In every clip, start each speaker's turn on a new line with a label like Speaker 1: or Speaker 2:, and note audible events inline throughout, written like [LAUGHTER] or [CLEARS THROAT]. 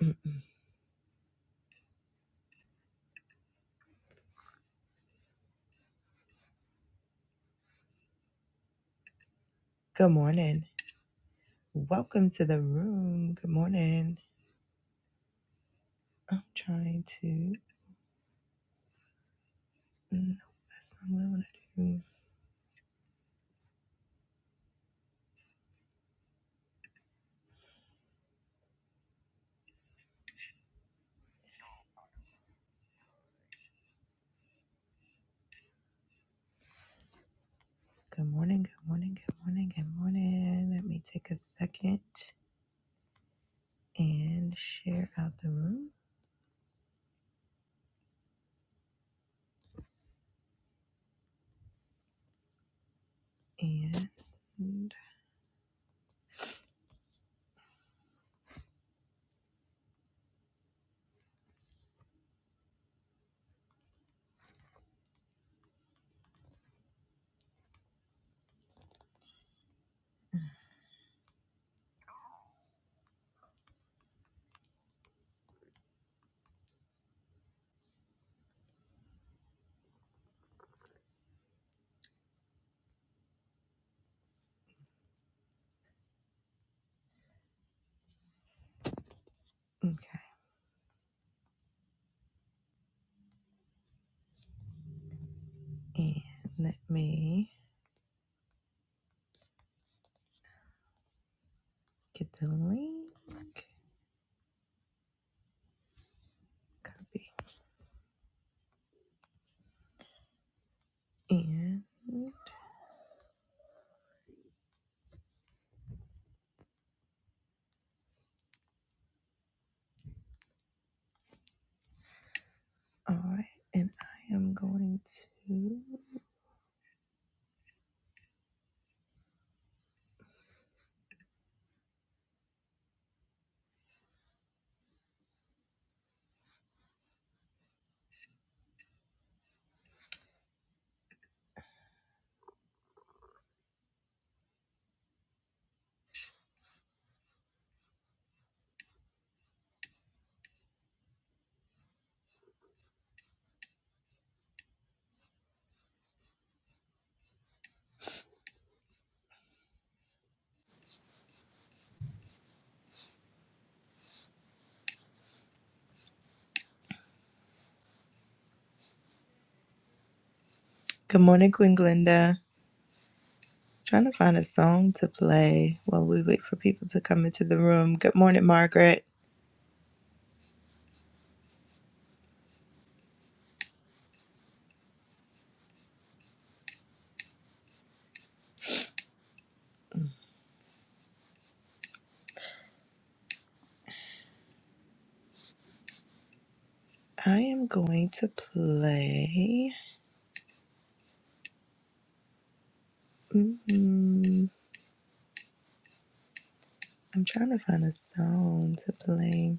Speaker 1: Mm-mm. Good morning. Welcome to the room. Good morning. I'm trying to. No, that's not what I want to do. Good morning. Good morning. Good morning. Good morning. Let me take a second and share out the room. And okay. And let me get the link. Copy. And all right. And I am going to. Good morning, Queen Glinda. Trying to find a song to play while we wait for people to come into the room. Good morning, Margaret. I am going to play. mm I'm trying to find a song to play.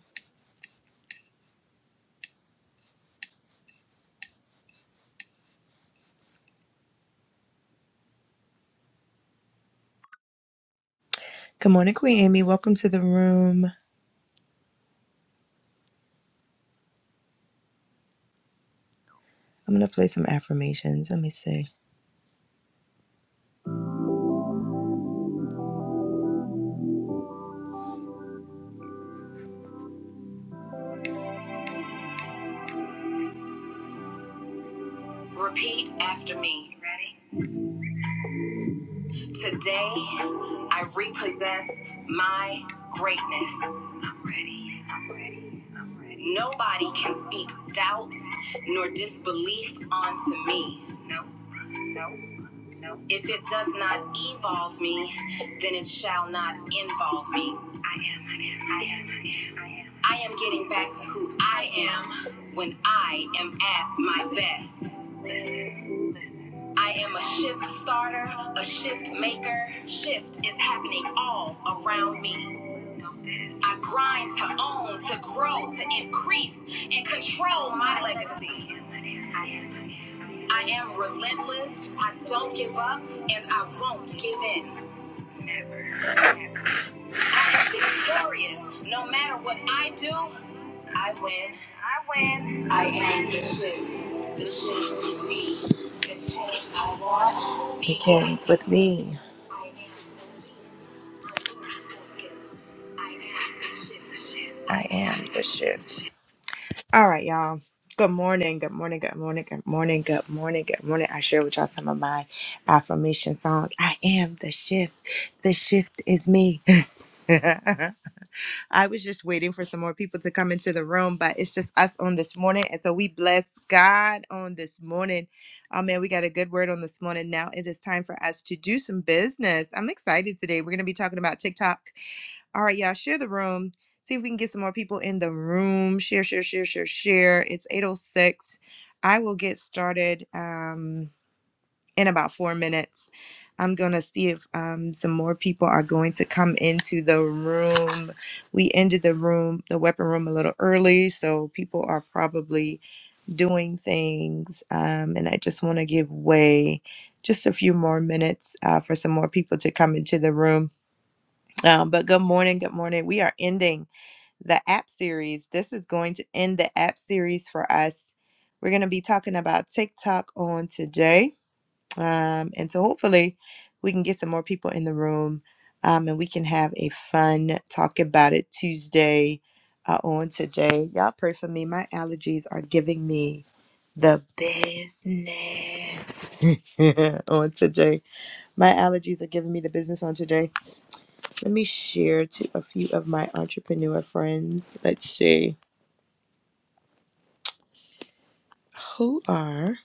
Speaker 1: Good morning, Queen Amy. Welcome to the room. I'm going to play some affirmations. Let me see. Repeat after me. Today, I repossess my greatness. I'm ready. I'm ready. Nobody can speak doubt nor disbelief onto me. If it does not evolve me, then it shall not involve me. I am, I am, I am, I am, I am. getting back to who I am when I am at my best. I am a shift starter, a shift maker. Shift is happening all around me. I grind to own, to grow, to increase, and control my legacy. I am relentless, I don't give up, and I won't give in. Victorious. No matter what I do, I win. I win. I am the shift. The shift is me. The change I want begins with me. I am the least. I am the shift. I am the shift. All right, y'all. Good morning, good morning, good morning, good morning, good morning, good morning. I share with y'all some of my affirmation songs. I am the shift. The shift is me. [LAUGHS] I was just waiting for some more people to come into the room, but it's just us on this morning. And so we bless God on this morning. Oh man, we got a good word on this morning. Now it is time for us to do some business. I'm excited today. We're going to be talking about TikTok. All right, y'all, share the room. See if we can get some more people in the room. Share, share, share, share, share. It's 806. I will get started. Um, in about four minutes. I'm going to see if um, some more people are going to come into the room. We ended the room, the weapon room, a little early, so people are probably doing things. Um, and I just want to give way just a few more minutes uh, for some more people to come into the room. Um, but good morning, good morning. We are ending the app series. This is going to end the app series for us. We're going to be talking about TikTok on today um, and so hopefully we can get some more people in the room um, and we can have a fun talk about it Tuesday uh, on today. Y'all pray for me. My allergies are giving me the business [LAUGHS] on today. My allergies are giving me the business on today. Let me share to a few of my entrepreneur friends. Let's see who are.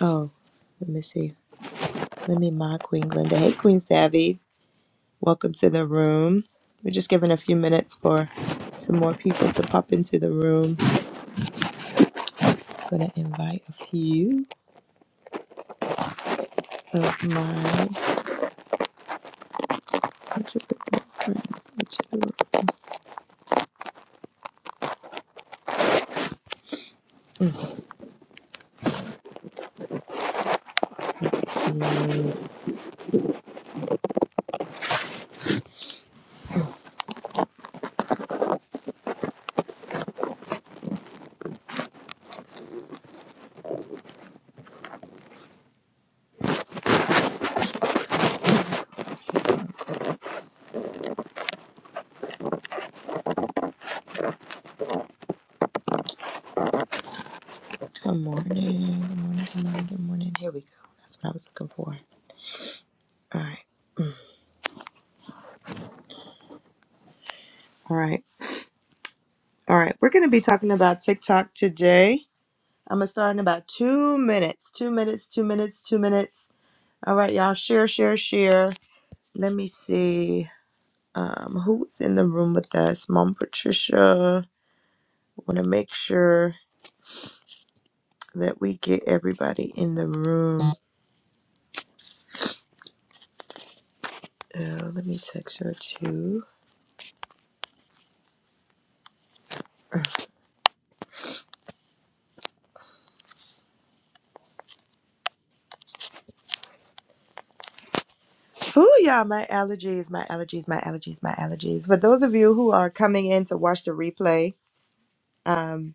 Speaker 1: Oh, let me see. Let me mod Queen Glenda. Hey, Queen Savvy. Welcome to the room. We're just giving a few minutes for some more people to pop into the room. I'm gonna invite a few of my entrepreneur friends into the room. Let's see. Good morning. Good morning. Good morning. Good morning. Here we go. That's what I was looking for. All right. Mm. All right. All right. We're gonna be talking about TikTok today. I'm gonna start in about two minutes. Two minutes. Two minutes. Two minutes. All right, y'all. Share. Share. Share. Let me see. Um, who was in the room with us? Mom Patricia. Want to make sure that we get everybody in the room. Uh, let me text her too. Oh, yeah, my allergies, my allergies, my allergies, my allergies. For those of you who are coming in to watch the replay, um.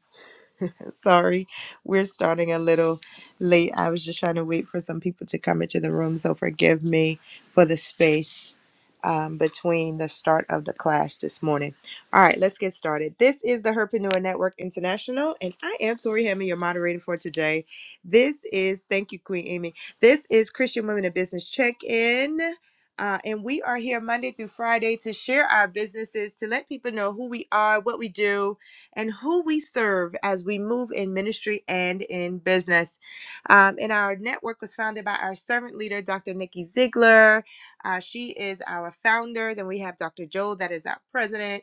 Speaker 1: [LAUGHS] Sorry, we're starting a little late. I was just trying to wait for some people to come into the room, so forgive me for the space um, between the start of the class this morning. All right, let's get started. This is the Herpreneur Network International, and I am Tori Hammond, your moderator for today. This is, thank you, Queen Amy. This is Christian Women in Business Check In. Uh, and we are here Monday through Friday to share our businesses, to let people know who we are, what we do, and who we serve as we move in ministry and in business. Um, and our network was founded by our servant leader, Dr. Nikki Ziegler. Uh, she is our founder. Then we have Dr. Joe, that is our president.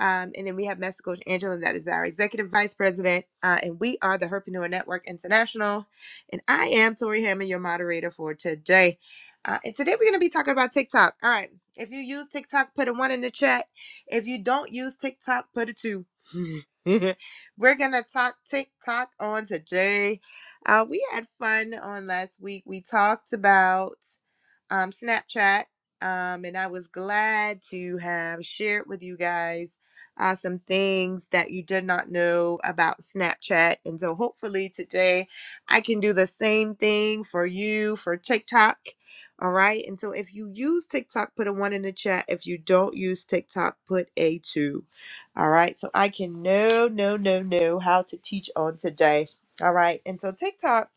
Speaker 1: Um, and then we have Master Coach Angela, that is our executive vice president. Uh, and we are the Herpreneur Network International. And I am Tori Hammond, your moderator for today. Uh, and today we're going to be talking about TikTok. All right. If you use TikTok, put a one in the chat. If you don't use TikTok, put a two. [LAUGHS] [LAUGHS] We're gonna talk TikTok on today. Uh, we had fun on last week. We talked about um, Snapchat. Um, and I was glad to have shared with you guys uh, some things that you did not know about Snapchat. And so hopefully today I can do the same thing for you for TikTok. All right. And so if you use TikTok, put a one in the chat. If you don't use TikTok, put a two. All right. So I can know, know, know, know how to teach on today. All right. And so TikTok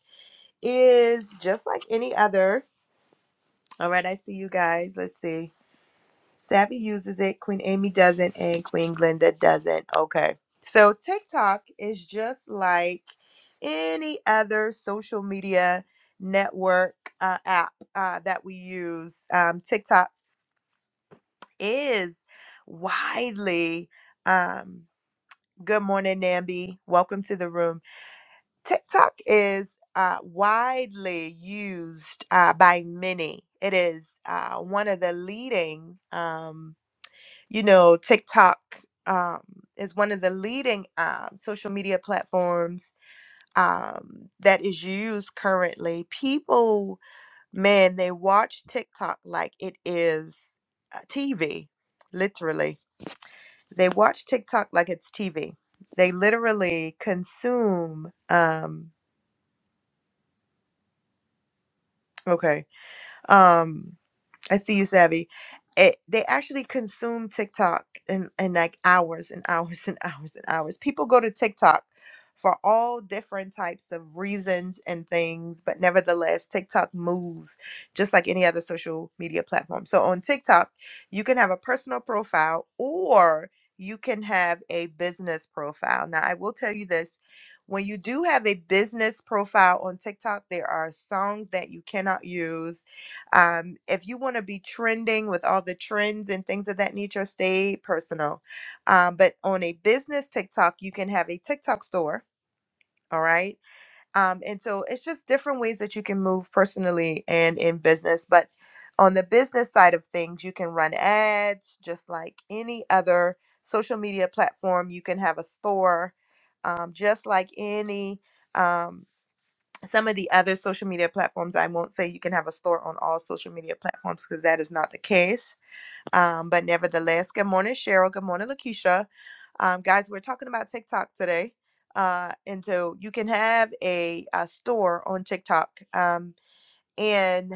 Speaker 1: is just like any other all right, I see you guys. Let's see. Savvy uses it, Queen Amy doesn't, and Queen Glinda doesn't. Okay. So TikTok is just like any other social media network uh, app uh, that we use. Um, TikTok is widely. Um, good morning, Nambi. Welcome to the room TikTok is uh, widely used uh, by many. It is uh, one of the leading, um, you know, TikTok um, is one of the leading uh, social media platforms um, that is used currently. People, man, they watch TikTok like it is uh, TV, literally. They watch TikTok like it's TV. They literally consume. Um, okay um i see you savvy it, they actually consume tiktok in, in like hours and hours and hours and hours people go to tiktok for all different types of reasons and things but nevertheless tiktok moves just like any other social media platform so on tiktok you can have a personal profile or you can have a business profile now i will tell you this when you do have a business profile on tiktok there are songs that you cannot use um, if you want to be trending with all the trends and things of that nature, stay personal. Um, but on a business TikTok, you can have a TikTok store. All right. Um, and so it's just different ways that you can move personally and in business. But on the business side of things, you can run ads just like any other social media platform. You can have a store um, just like any. Um, some of the other social media platforms i won't say you can have a store on all social media platforms because that is not the case um, but nevertheless good morning cheryl good morning lakeisha um, guys we're talking about tiktok today uh, and so you can have a, a store on tiktok um, and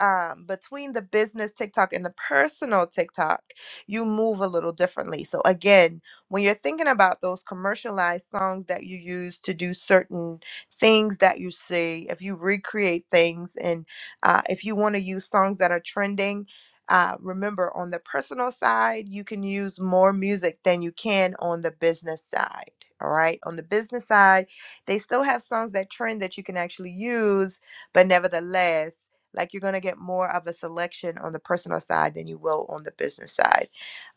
Speaker 1: um, between the business TikTok and the personal TikTok, you move a little differently. So, again, when you're thinking about those commercialized songs that you use to do certain things that you see, if you recreate things and uh, if you want to use songs that are trending, uh, remember on the personal side, you can use more music than you can on the business side. All right. On the business side, they still have songs that trend that you can actually use, but nevertheless, like you're going to get more of a selection on the personal side than you will on the business side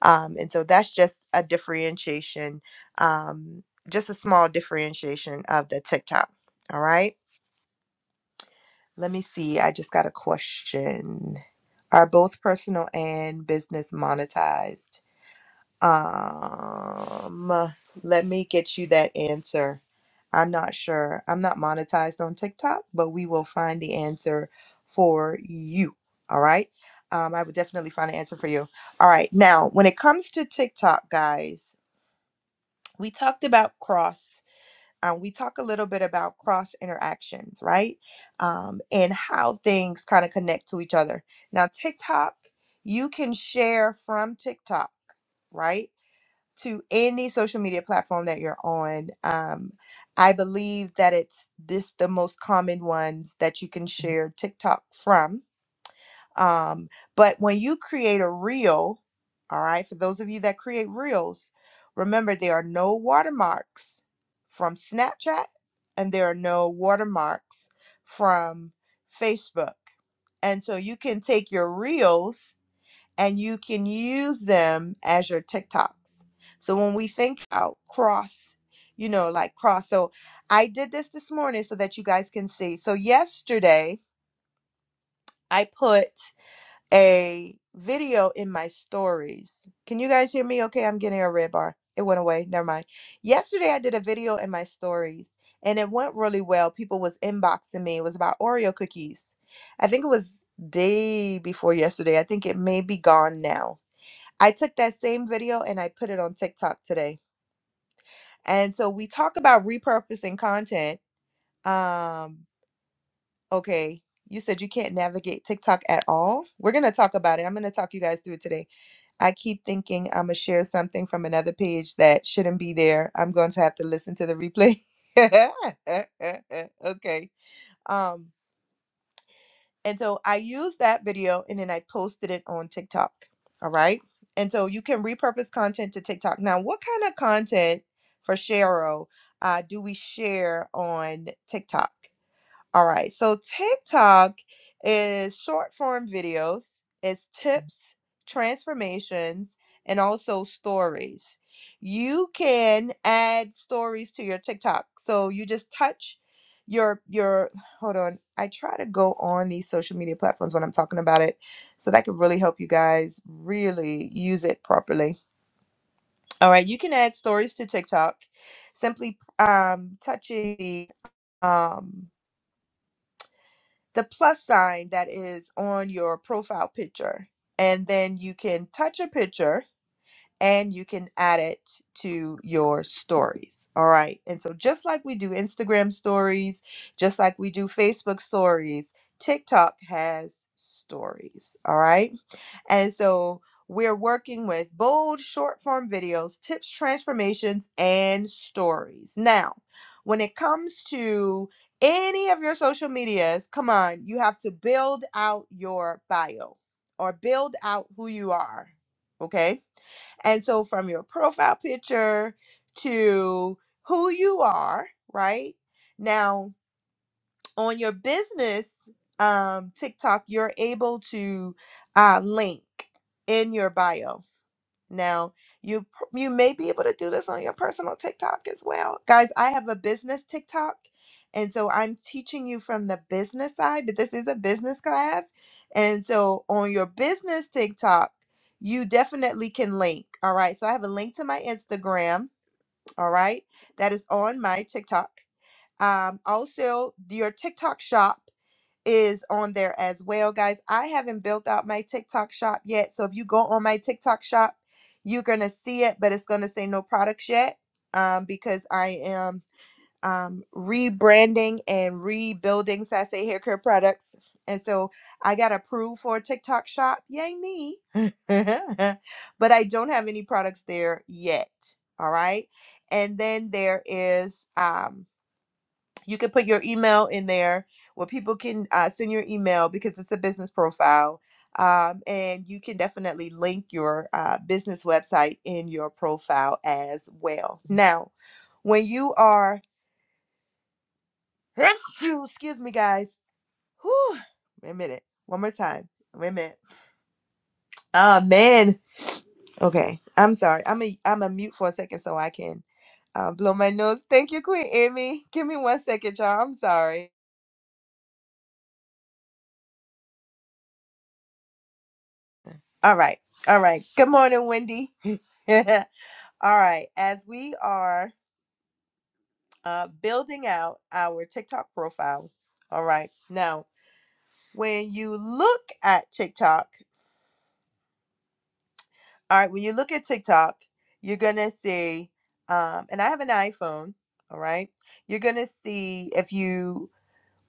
Speaker 1: um, and so that's just a differentiation um, just a small differentiation of the tiktok all right let me see i just got a question are both personal and business monetized um, let me get you that answer. I'm not sure. I'm not monetized on TikTok, but we will find the answer for you. All right. Um, I would definitely find an answer for you. All right. Now, when it comes to TikTok, guys, we talked about cross. Um, we talk a little bit about cross interactions, right? Um, and how things kind of connect to each other. Now, TikTok, you can share from TikTok right? to any social media platform that you're on. Um, I believe that it's this the most common ones that you can share TikTok from. Um, but when you create a reel, all right, for those of you that create reels, remember there are no watermarks from Snapchat and there are no watermarks from Facebook. And so you can take your reels and you can use them as your TikToks. So when we think about cross, you know, like cross. So I did this this morning so that you guys can see. So yesterday I put a video in my stories. Can you guys hear me? Okay, I'm getting a red bar. It went away. Never mind. Yesterday I did a video in my stories and it went really well. People was inboxing me. It was about Oreo cookies. I think it was day before yesterday. I think it may be gone now I took that same video and I put it on TikTok today. And so we talk about repurposing content. Um, okay, you said you can't navigate TikTok at all. We're gonna talk about it. I'm gonna talk you guys through it today. I keep thinking I'm gonna share something from another page that shouldn't be there. I'm going to have to listen to the replay. [LAUGHS] okay. Um, And so I used that video and then I posted it on TikTok. All right. And so you can repurpose content to TikTok. Now, what kind of content for Cheryl uh, do we share on TikTok? All right. So TikTok is short form videos, it's tips, transformations, and also stories. You can add stories to your TikTok. So you just touch your your hold on. I try to go on these social media platforms when I'm talking about it so that can really help you guys really use it properly. All right, you can add stories to TikTok simply um touching the um the plus sign that is on your profile picture. And then you can touch a picture and you can add it to your stories. All right. And so, just like we do Instagram stories, just like we do Facebook stories, TikTok has stories. All right. And so we're working with bold short form videos, tips, transformations, and stories. Now, when it comes to any of your social medias, come on, you have to build out your bio or build out who you are. Okay. And so from your profile picture to who you are, right? Now, on your business um, TikTok, you're able to uh, link in your bio. Now, you pr- you may be able to do this on your personal TikTok as well, guys. I have a business TikTok, and so I'm teaching you from the business side. But this is a business class, and so on your business TikTok, you definitely can link. All right, so I have a link to my Instagram. All right, that is on my TikTok. Um, also, your TikTok shop is on there as well, guys. I haven't built out my TikTok shop yet. So if you go on my TikTok shop, you're going to see it, but it's going to say no products yet um, because I am um, rebranding and rebuilding Sase Hair Care products. And so I got approved for a TikTok shop. Yay, me. [LAUGHS] but I don't have any products there yet. All right. And then there is. Um, you can put your email in there where people can uh, send your email because it's a business profile um, and you can definitely link your uh, business website in your profile as well now when you are [COUGHS] [CLEARS THROAT] excuse me guys Whew, wait a minute one more time wait a minute ah man okay i'm sorry i'm a i'm a mute for a second so i can uh, blow my nose thank you queen amy give me one second y'all i'm sorry All right. All right. Good morning, Wendy. [LAUGHS] All right. As we are uh, building out our TikTok profile, all right. Now, when you look at TikTok, all right, when you look at TikTok, you're going to see, um, and I have an iPhone, all right. You're going to see if you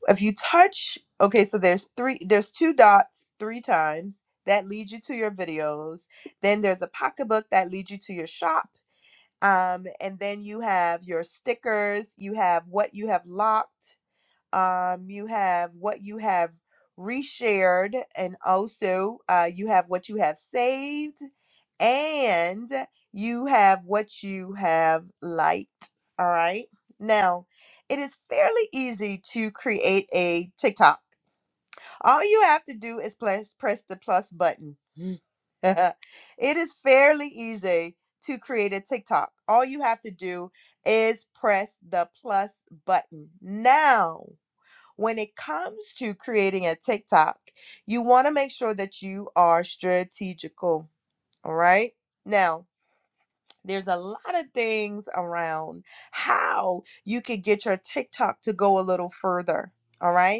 Speaker 1: if you touch okay so there's three there's two dots three times that leads you to your videos then there's a pocketbook that leads you to your shop Um, and then you have your stickers, you have what you have locked, um, you have what you have reshared, and also uh, you have what you have saved, and you have what you have liked. All right. Now, it is fairly easy to create a TikTok all you have to do is press, press the plus button. [LAUGHS] it is fairly easy to create a TikTok. All you have to do is press the plus button. Now, when it comes to creating a TikTok, you want to make sure that you are strategical. All right. Now, there's a lot of things around how you could get your TikTok to go a little further. All right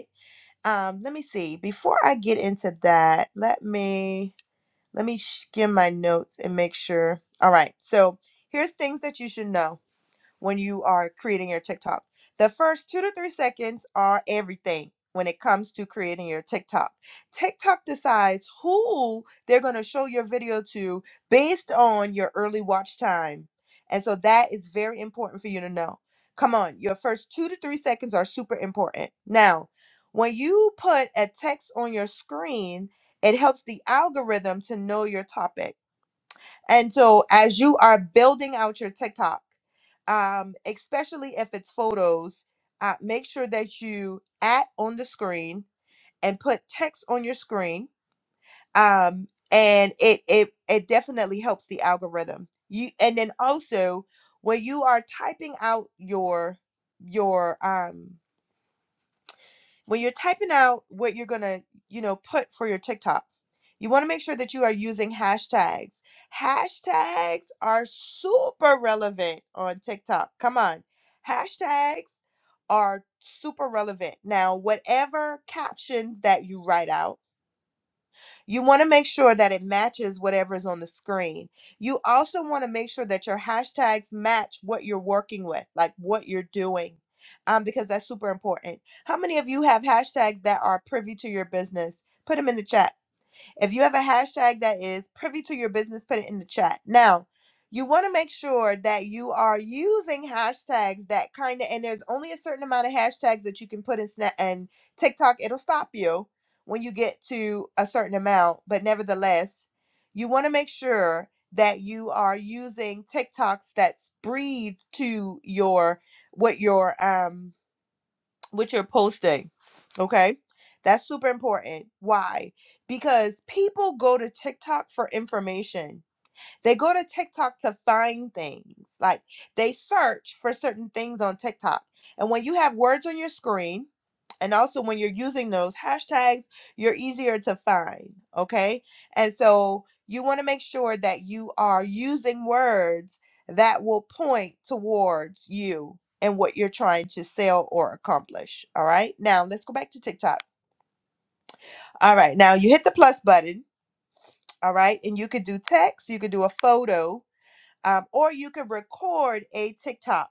Speaker 1: um let me see before i get into that let me let me skim my notes and make sure all right so here's things that you should know when you are creating your TikTok. The first two to three seconds are everything when it comes to creating your TikTok. TikTok decides who they're going to show your video to based on your early watch time. And so that is very important for you to know. Come on, your first two to three seconds are super important. Now, when you put a text on your screen, it helps the algorithm to know your topic and so, as you are building out your TikTok, um, especially if it's photos, uh, make sure that you at on the screen and put text on your screen. Um, and it it it definitely helps the algorithm. You and then also when you are typing out your your um when you're typing out what you're gonna you know put for your tiktok you want to make sure that you are using hashtags hashtags are super relevant on tiktok come on hashtags are super relevant now whatever captions that you write out you want to make sure that it matches whatever is on the screen. You also want to make sure that your hashtags match what you're working with, like what you're doing, um, because that's super important. How many of you have hashtags that are privy to your business? Put them in the chat. If you have a hashtag that is privy to your business, put it in the chat. Now, you want to make sure that you are using hashtags that kind of, and there's only a certain amount of hashtags that you can put in Snap and TikTok. It'll stop you when you get to a certain amount, but nevertheless, you want to make sure that you are using TikToks that's breathe to your what your um with your posting. Okay. That's super important. Why? Because people go to TikTok for information. They go to TikTok to find things. Like they search for certain things on TikTok. And when you have words on your screen, and also when you're using those hashtags, you're easier to find. Okay. And so you want to make sure that you are using words that will point towards you and what you're trying to sell or accomplish. All right. Now let's go back to TikTok. All right. Now you hit the plus button. All right. And you could do text, you could do a photo, um, or you could record a TikTok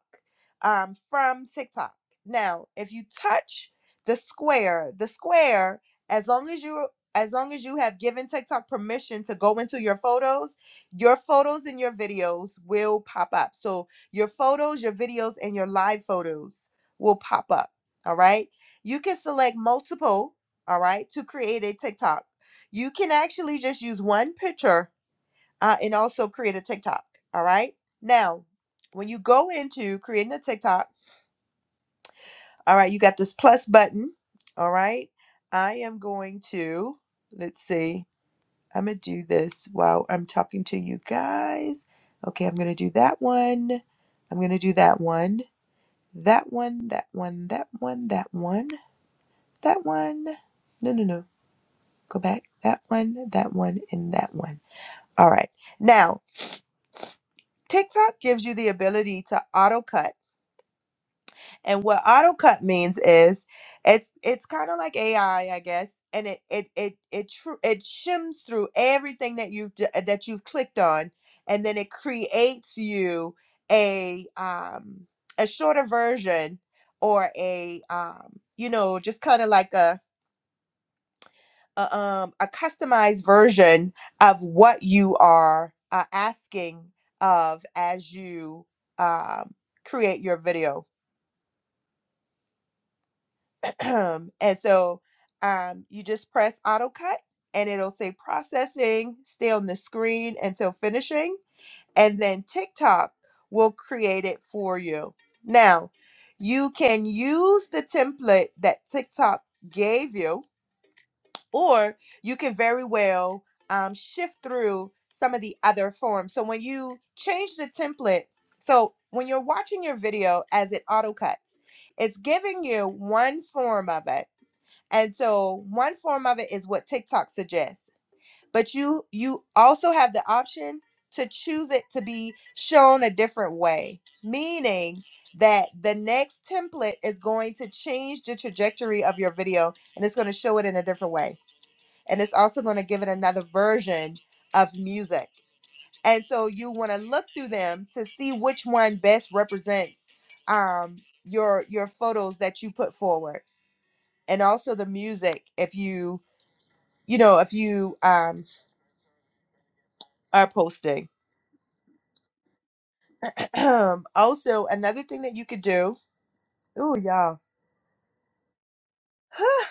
Speaker 1: um, from TikTok. Now, if you touch the square, the square, as long as you as long as you have given TikTok permission to go into your photos, your photos and your videos will pop up. So your photos, your videos, and your live photos will pop up. All right. You can select multiple, all right, to create a TikTok. You can actually just use one picture uh, and also create a TikTok. All right. Now, when you go into creating a TikTok, all right, you got this plus button. All right. I am going to, let's see, I'm going to do this while I'm talking to you guys. Okay. I'm going to do that one. I'm going to do that one. That one, that one, that one, that one, that one. No, no, no. Go back. That one, that one, and that one. All right. Now, TikTok gives you the ability to auto cut And what auto cut means is it's it's kind of like AI, I I guess, and it it it it tr- it shims through everything that you've d- that you've clicked on, and then it creates you a um a shorter version or a um you know just kind of like a, a um a customized version of what you are uh, asking of as you um create your video [CLEARS THROAT] and so um, you just press auto cut and it'll say processing, stay on the screen until finishing. And then TikTok will create it for you. Now, you can use the template that TikTok gave you, or you can very well um, shift through some of the other forms. So when you change the template, so when you're watching your video as it auto cuts, it's giving you one form of it and so one form of it is what TikTok suggests. But you you also have the option to choose it to be shown a different way, meaning that the next template is going to change the trajectory of your video and it's going to show it in a different way. And it's also going to give it another version of music. And so you want to look through them to see which one best represents um, your your photos that you put forward and also the music if you you know, if you um are posting. [CLEARS THROAT] also, another thing that you could do, oh y'all, [SIGHS]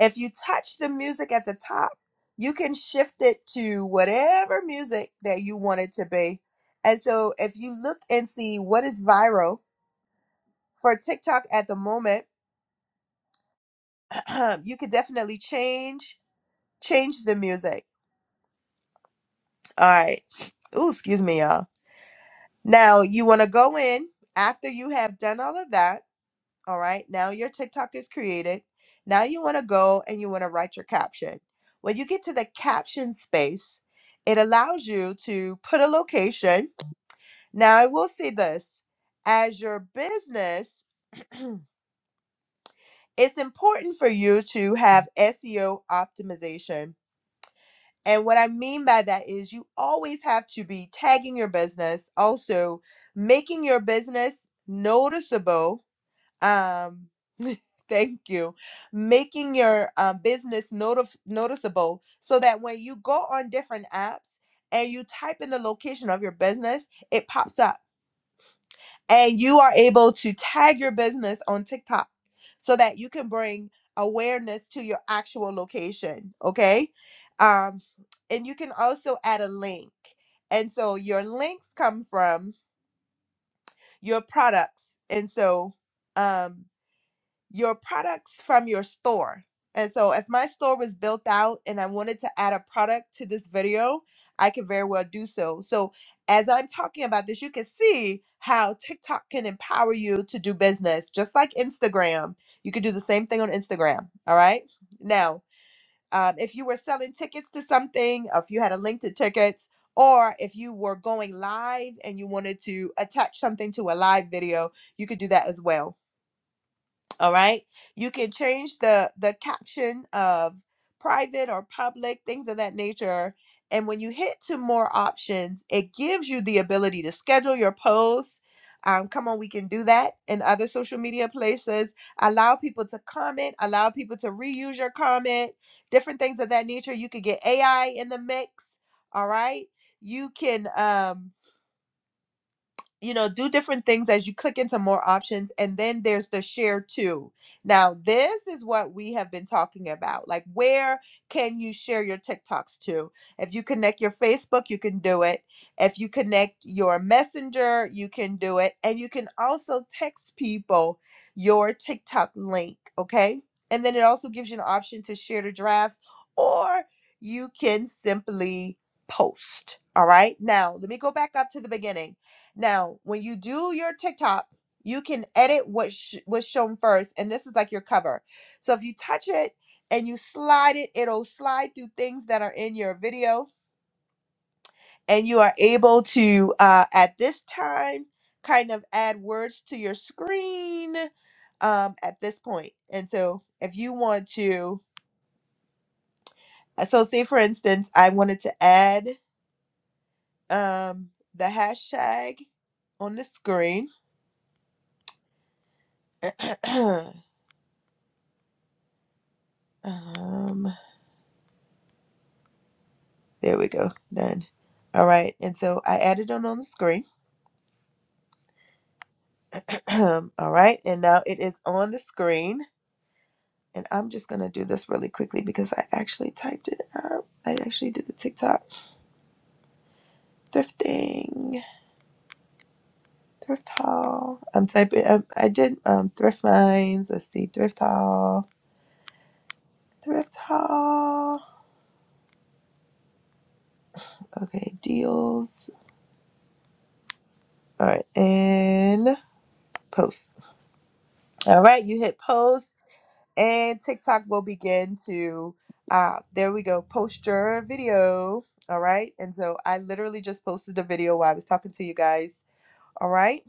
Speaker 1: if you touch the music at the top, you can shift it to whatever music that you want it to be. And so if you look and see what is viral for TikTok at the moment, [CLEARS THROAT] you could definitely change change the music. All right. Oh, excuse me, y'all. Now you want to go in after you have done all of that All right. Now your TikTok is created. Now you want to go and you want to write your caption. When you get to the caption space, it allows you to put a location. Now I will say this as your business, [CLEARS THROAT] it's important for you to have SEO optimization. And what I mean by that is you always have to be tagging your business, also making your business noticeable Um, [LAUGHS] thank you. Making your uh, business notif- noticeable so that when you go on different apps and you type in the location of your business, it pops up and you are able to tag your business on TikTok so that you can bring awareness to your actual location. Okay. Um, and you can also add a link. And so your links come from your products. And so, um, your products from your store. And so if my store was built out and I wanted to add a product to this video, I could very well do so. So as I'm talking about this, you can see how TikTok can empower you to do business, just like Instagram. You could do the same thing on Instagram. All right. Now, um, if you were selling tickets to something, or if you had a link to tickets, or if you were going live and you wanted to attach something to a live video, you could do that as well all right you can change the the caption of private or public things of that nature and when you hit to more options it gives you the ability to schedule your posts um, come on we can do that in other social media places allow people to comment allow people to reuse your comment different things of that nature you could get ai in the mix all right you can um, you know, do different things as you click into more options. And then there's the share too. Now, this is what we have been talking about. Like, where can you share your TikToks to? If you connect your Facebook, you can do it. If you connect your Messenger, you can do it. And you can also text people your TikTok link, okay? And then it also gives you an option to share the drafts or you can simply post. All right. Now, let me go back up to the beginning now, when you do your TikTok, you can edit what sh- was shown first, and this is like your cover. So if you touch it and you slide it, it'll slide through things that are in your video, and you are able to, uh, at this time, kind of add words to your screen um, at this point. And so if you want to, uh, so say for instance, I wanted to add um, the hashtag on the screen. [CLEARS THROAT] um, There we go. Done. All right. And so I added it on the screen. [CLEARS THROAT] All right. And now it is on the screen. And I'm just going to do this really quickly because I actually typed it up. I actually did the TikTok thrifting, thrift haul. I'm typing, I, I did um, thrift finds. Let's see, thrift haul, thrift haul. Okay, deals. All right. And post. All right. You hit post and TikTok will begin to, uh, there we go, post your video. All right. And so I literally just posted a video while I was talking to you guys. All right.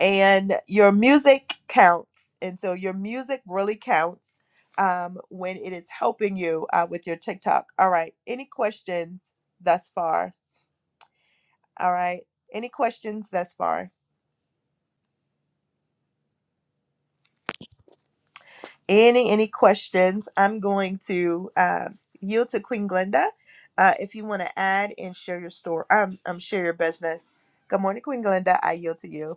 Speaker 1: And your music counts. And so your music really counts um, when it is helping you uh, with your TikTok. All right. Any questions thus far? All right. Any questions thus far? any any questions i'm going to uh, yield to queen glenda uh, if you want to add and share your store um, um share your business good morning queen glenda i yield to you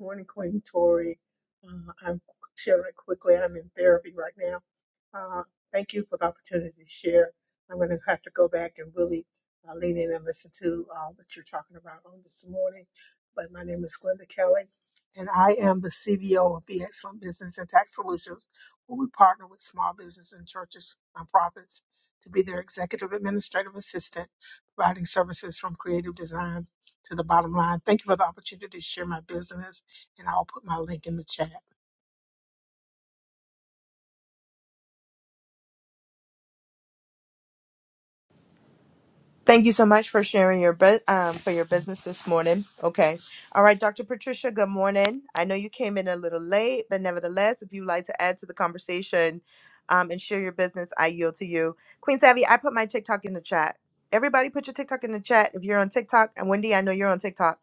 Speaker 2: Morning, Queen Tori. Uh, I'm sharing quickly. I'm in therapy right now. Uh, thank you for the opportunity to share. I'm going to have to go back and really uh, lean in and listen to uh, what you're talking about on this morning. But my name is Glenda Kelly, and I am the CBO of Be Excellent Business and Tax Solutions, where we partner with small business and churches, nonprofits, to be their executive administrative assistant, providing services from creative design to the bottom line. Thank you for the opportunity to share my business and I'll put my link in the chat.
Speaker 1: Thank you so much for sharing your bu- um, for your business this morning. Okay, all right, Dr. Patricia. Good morning. I know you came in a little late, but nevertheless, if you'd like to add to the conversation um, and share your business, I yield to you. Queen Savvy, I put my TikTok in the chat. Everybody, put your TikTok in the chat if you're on TikTok. And Wendy, I know you're on TikTok.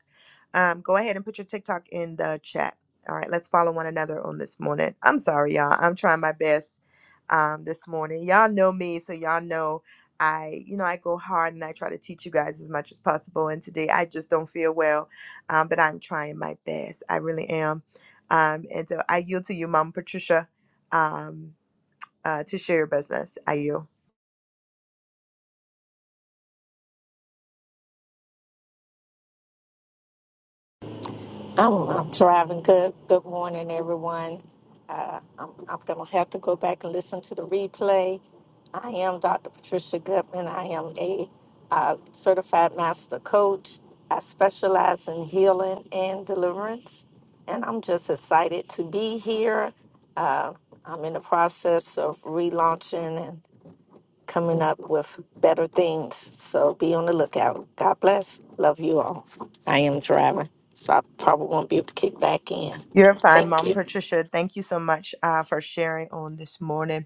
Speaker 1: Um, go ahead and put your TikTok in the chat. All right, let's follow one another on this morning. I'm sorry, y'all. I'm trying my best um, this morning. Y'all know me, so y'all know. I, you know, I go hard and I try to teach you guys as much as possible. And today I just don't feel well, um, but I'm trying my best. I really am. Um, and so I yield to you, Mom Patricia, um, uh, to share your business. I yield.
Speaker 3: I'm, I'm driving good. Good morning, everyone. Uh, I'm, I'm going to have to go back and listen to the replay. I am Dr. Patricia Goodman. I am a uh, certified master coach. I specialize in healing and deliverance, and I'm just excited to be here. Uh, I'm in the process of relaunching coming up with better things. So be on the lookout. God bless. Love you all. I am driving, so I probably won't be able to kick back in.
Speaker 1: You're fine,
Speaker 3: Thank
Speaker 1: Mom
Speaker 3: you.
Speaker 1: Patricia. Thank you so much uh, for sharing on this morning.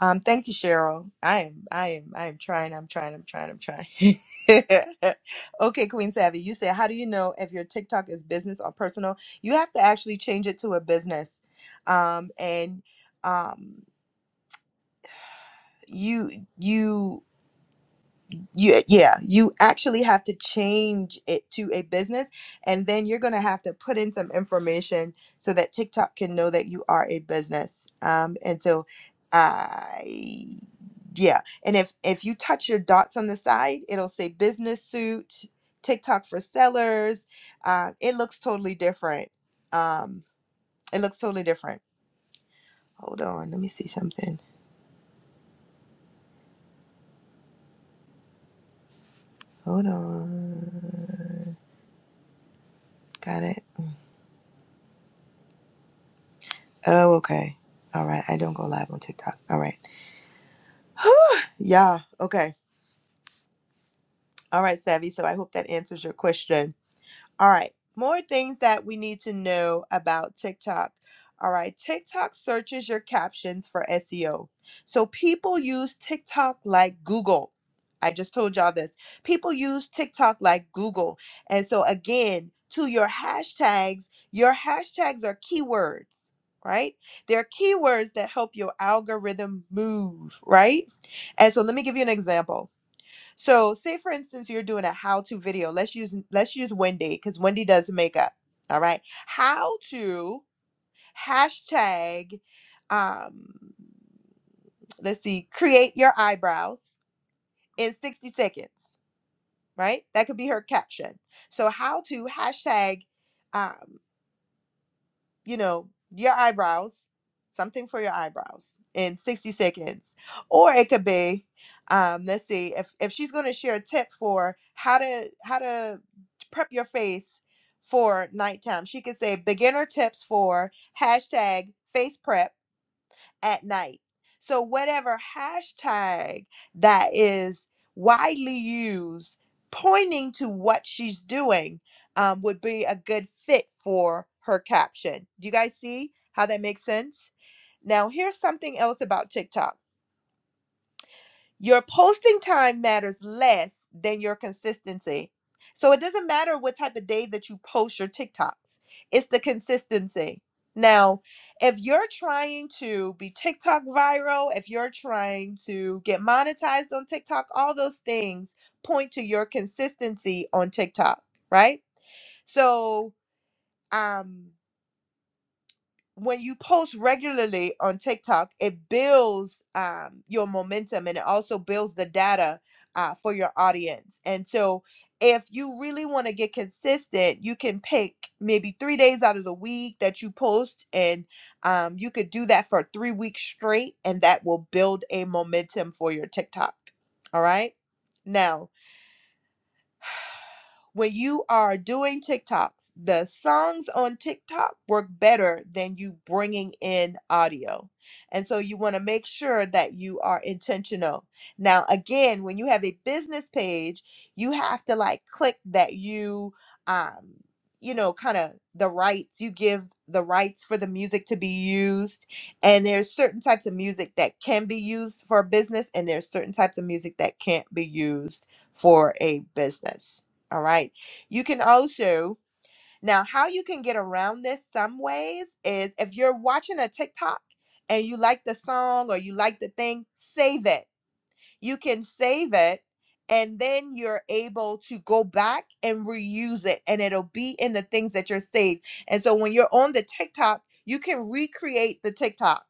Speaker 1: Um, thank you, Cheryl. I am, I am, I am trying. I'm trying. I'm trying. I'm trying. [LAUGHS] okay, Queen Savvy, you say, how do you know if your TikTok is business or personal? You have to actually change it to a business, um, and um, you you you yeah you actually have to change it to a business and then you're going to have to put in some information so that tiktok can know that you are a business um and so i yeah and if if you touch your dots on the side it'll say business suit tiktok for sellers uh, it looks totally different um it looks totally different hold on let me see something hold on got it Oh, okay. All right. I don't go live on TikTok. All right. [SIGHS] yeah. Okay. All right, Savvy. So I hope that answers your question. All right, more things that we need to know about TikTok. All right, TikTok searches your captions for SEO. So people use TikTok like Google. I just told y'all this. People use TikTok like Google. And so, again, to your hashtags, your hashtags are keywords, right? They're keywords that help your algorithm move, right? And so, let me give you an example. So, say for instance you're doing a how-to video. Let's use let's use Wendy because Wendy does makeup. All right, how to hashtag. Um, let's see, create your eyebrows in 60 seconds. Right, that could be her caption. So, how to hashtag. um you know, your eyebrows, something for your eyebrows in 60 seconds. Or it could be, um, let's see, if, if she's going to share a tip for how to how to prep your face for nighttime, she could say beginner tips for hashtag face prep at night. So, whatever hashtag that is widely used pointing to what she's doing um, would be a good fit for her caption. Do you guys see how that makes sense? Now, here's something else about TikTok your posting time matters less than your consistency. So it doesn't matter what type of day that you post your TikToks, it's the consistency. Now, if you're trying to be TikTok viral, if you're trying to get monetized on TikTok, all those things point to your consistency on TikTok, right? So, um when you post regularly on TikTok, it builds um, your momentum and it also builds the data uh, for your audience. And so, if you really want to get consistent, you can pick maybe three days out of the week that you post, and um, you could do that for three weeks straight, and that will build a momentum for your TikTok. All right. Now, when you are doing TikToks, the songs on TikTok work better than you bringing in audio. And so you want to make sure that you are intentional. Now, again, when you have a business page, you have to like click that you, um, you know, kind of the rights, you give the rights for the music to be used. And there's certain types of music that can be used for a business, and there's certain types of music that can't be used for a business. All right. You can also, now, how you can get around this some ways is if you're watching a TikTok and you like the song or you like the thing, save it. You can save it and then you're able to go back and reuse it and it'll be in the things that you're saved. And so when you're on the TikTok, you can recreate the TikTok.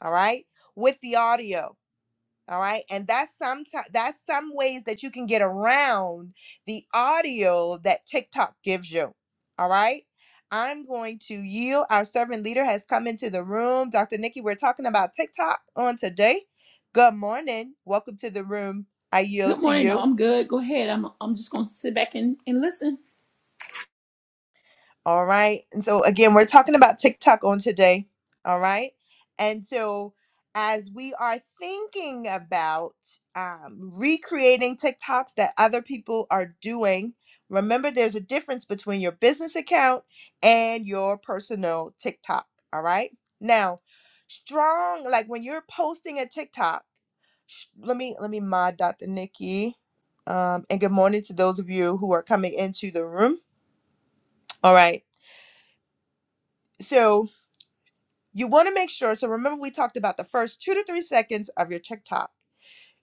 Speaker 1: All right. With the audio. All right. And that's some that's some ways that you can get around the audio that TikTok gives you. All right. I'm going to yield. Our servant leader has come into the room. Dr. Nikki, we're talking about TikTok on today. Good morning. Welcome to the room. I
Speaker 4: Good
Speaker 1: yield to
Speaker 4: morning. No,
Speaker 1: you.
Speaker 4: I'm good. Go ahead. I'm I'm just gonna sit back and, and listen.
Speaker 1: All right. And so again, we're talking about TikTok on today. All right. And so as we are thinking about um, recreating TikToks that other people are doing, remember there's a difference between your business account and your personal TikTok. All right. Now, strong like when you're posting a TikTok. sh- Let me let me mod Dr. Nikki. Um, and good morning to those of you who are coming into the room. All right. So You want to make sure. So remember, we talked about the first two to three seconds of your TikTok.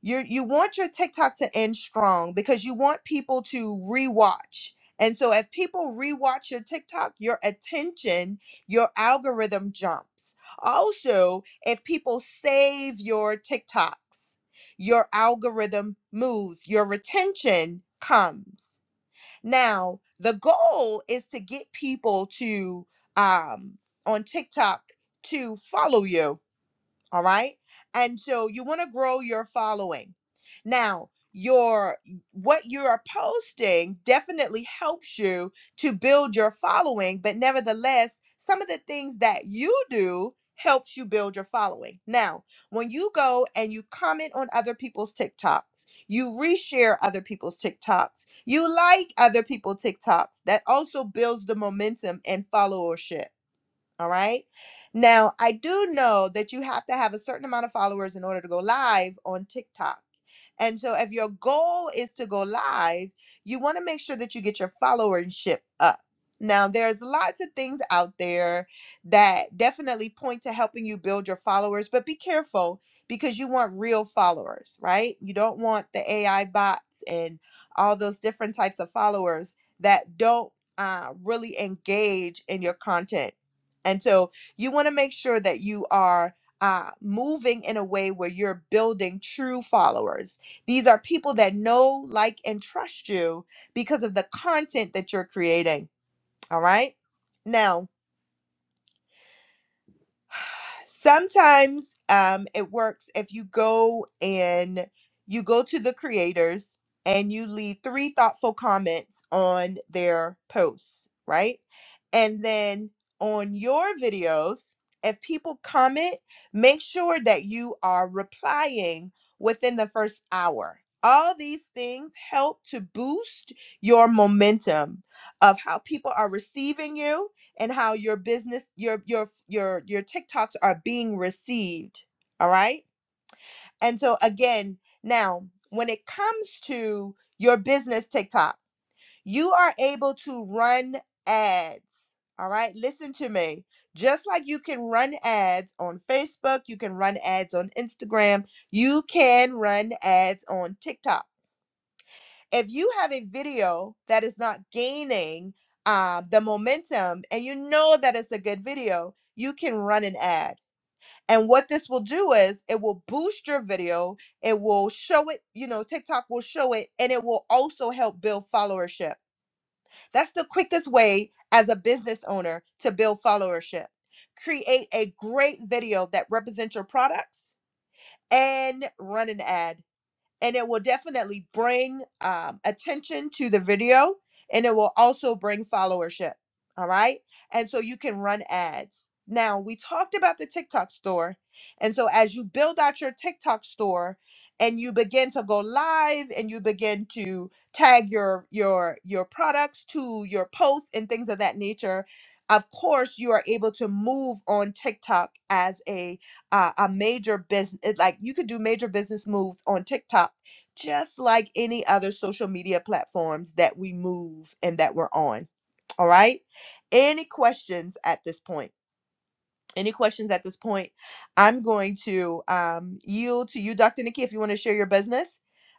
Speaker 1: You you want your TikTok to end strong because you want people to rewatch. And so if people rewatch your TikTok, your attention, your algorithm jumps. Also, if people save your TikToks, your algorithm moves, your retention comes. Now, the goal is to get people to um on TikTok to follow you all right. And so you want to grow your following. Now, your what you are posting definitely helps you to build your following, but nevertheless, some of the things that you do helps you build your following. Now, when you go and you comment on other people's TikToks, you reshare other people's TikToks, you like other people's TikToks, that also builds the momentum and followership all right. Now, I do know that you have to have a certain amount of followers in order to go live on TikTok. And so, if your goal is to go live, you want to make sure that you get your followership up. Now, there's lots of things out there that definitely point to helping you build your followers, but be careful because you want real followers, right? You don't want the AI bots and all those different types of followers that don't uh, really engage in your content and so you want to make sure that you are uh, moving in a way where you're building true followers. These are people that know, like, and trust you because of the content that you're creating. All right. Now, sometimes um, it works if you go and you go to the creators and you leave three thoughtful comments on their posts, right? And then on your videos, if people comment, make sure that you are replying within the first hour. All these things help to boost your momentum of how people are receiving you and how your business your your your your TikToks are being received, all right? And so again, now when it comes to your business TikTok, you are able to run ads. All right? Listen to me. Just like you can run ads on Facebook, you can run ads on Instagram, you can run ads on TikTok if you have a video that is not gaining uh, the momentum and you know that it's a good video, you can run an ad. And what this will do is it will boost your video, it will show it, you know, TikTok will show it, and it will also help build followership. That's the quickest way as a business owner to build followership. Create a great video that represents your products and run an ad and it will definitely bring um, attention to the video and it will also bring followership all right and so you can run ads now we talked about the tiktok store and so as you build out your tiktok store and you begin to go live and you begin to tag your your your products to your posts and things of that nature of course you are able to move on tiktok as a uh, a major business like you could do major business moves on tiktok just like any other social media platforms that we move and that we're on. All right. Any questions at this point? Any questions at this point? I'm going to um, yield to you, Dr. Nikki, if you want to share your business.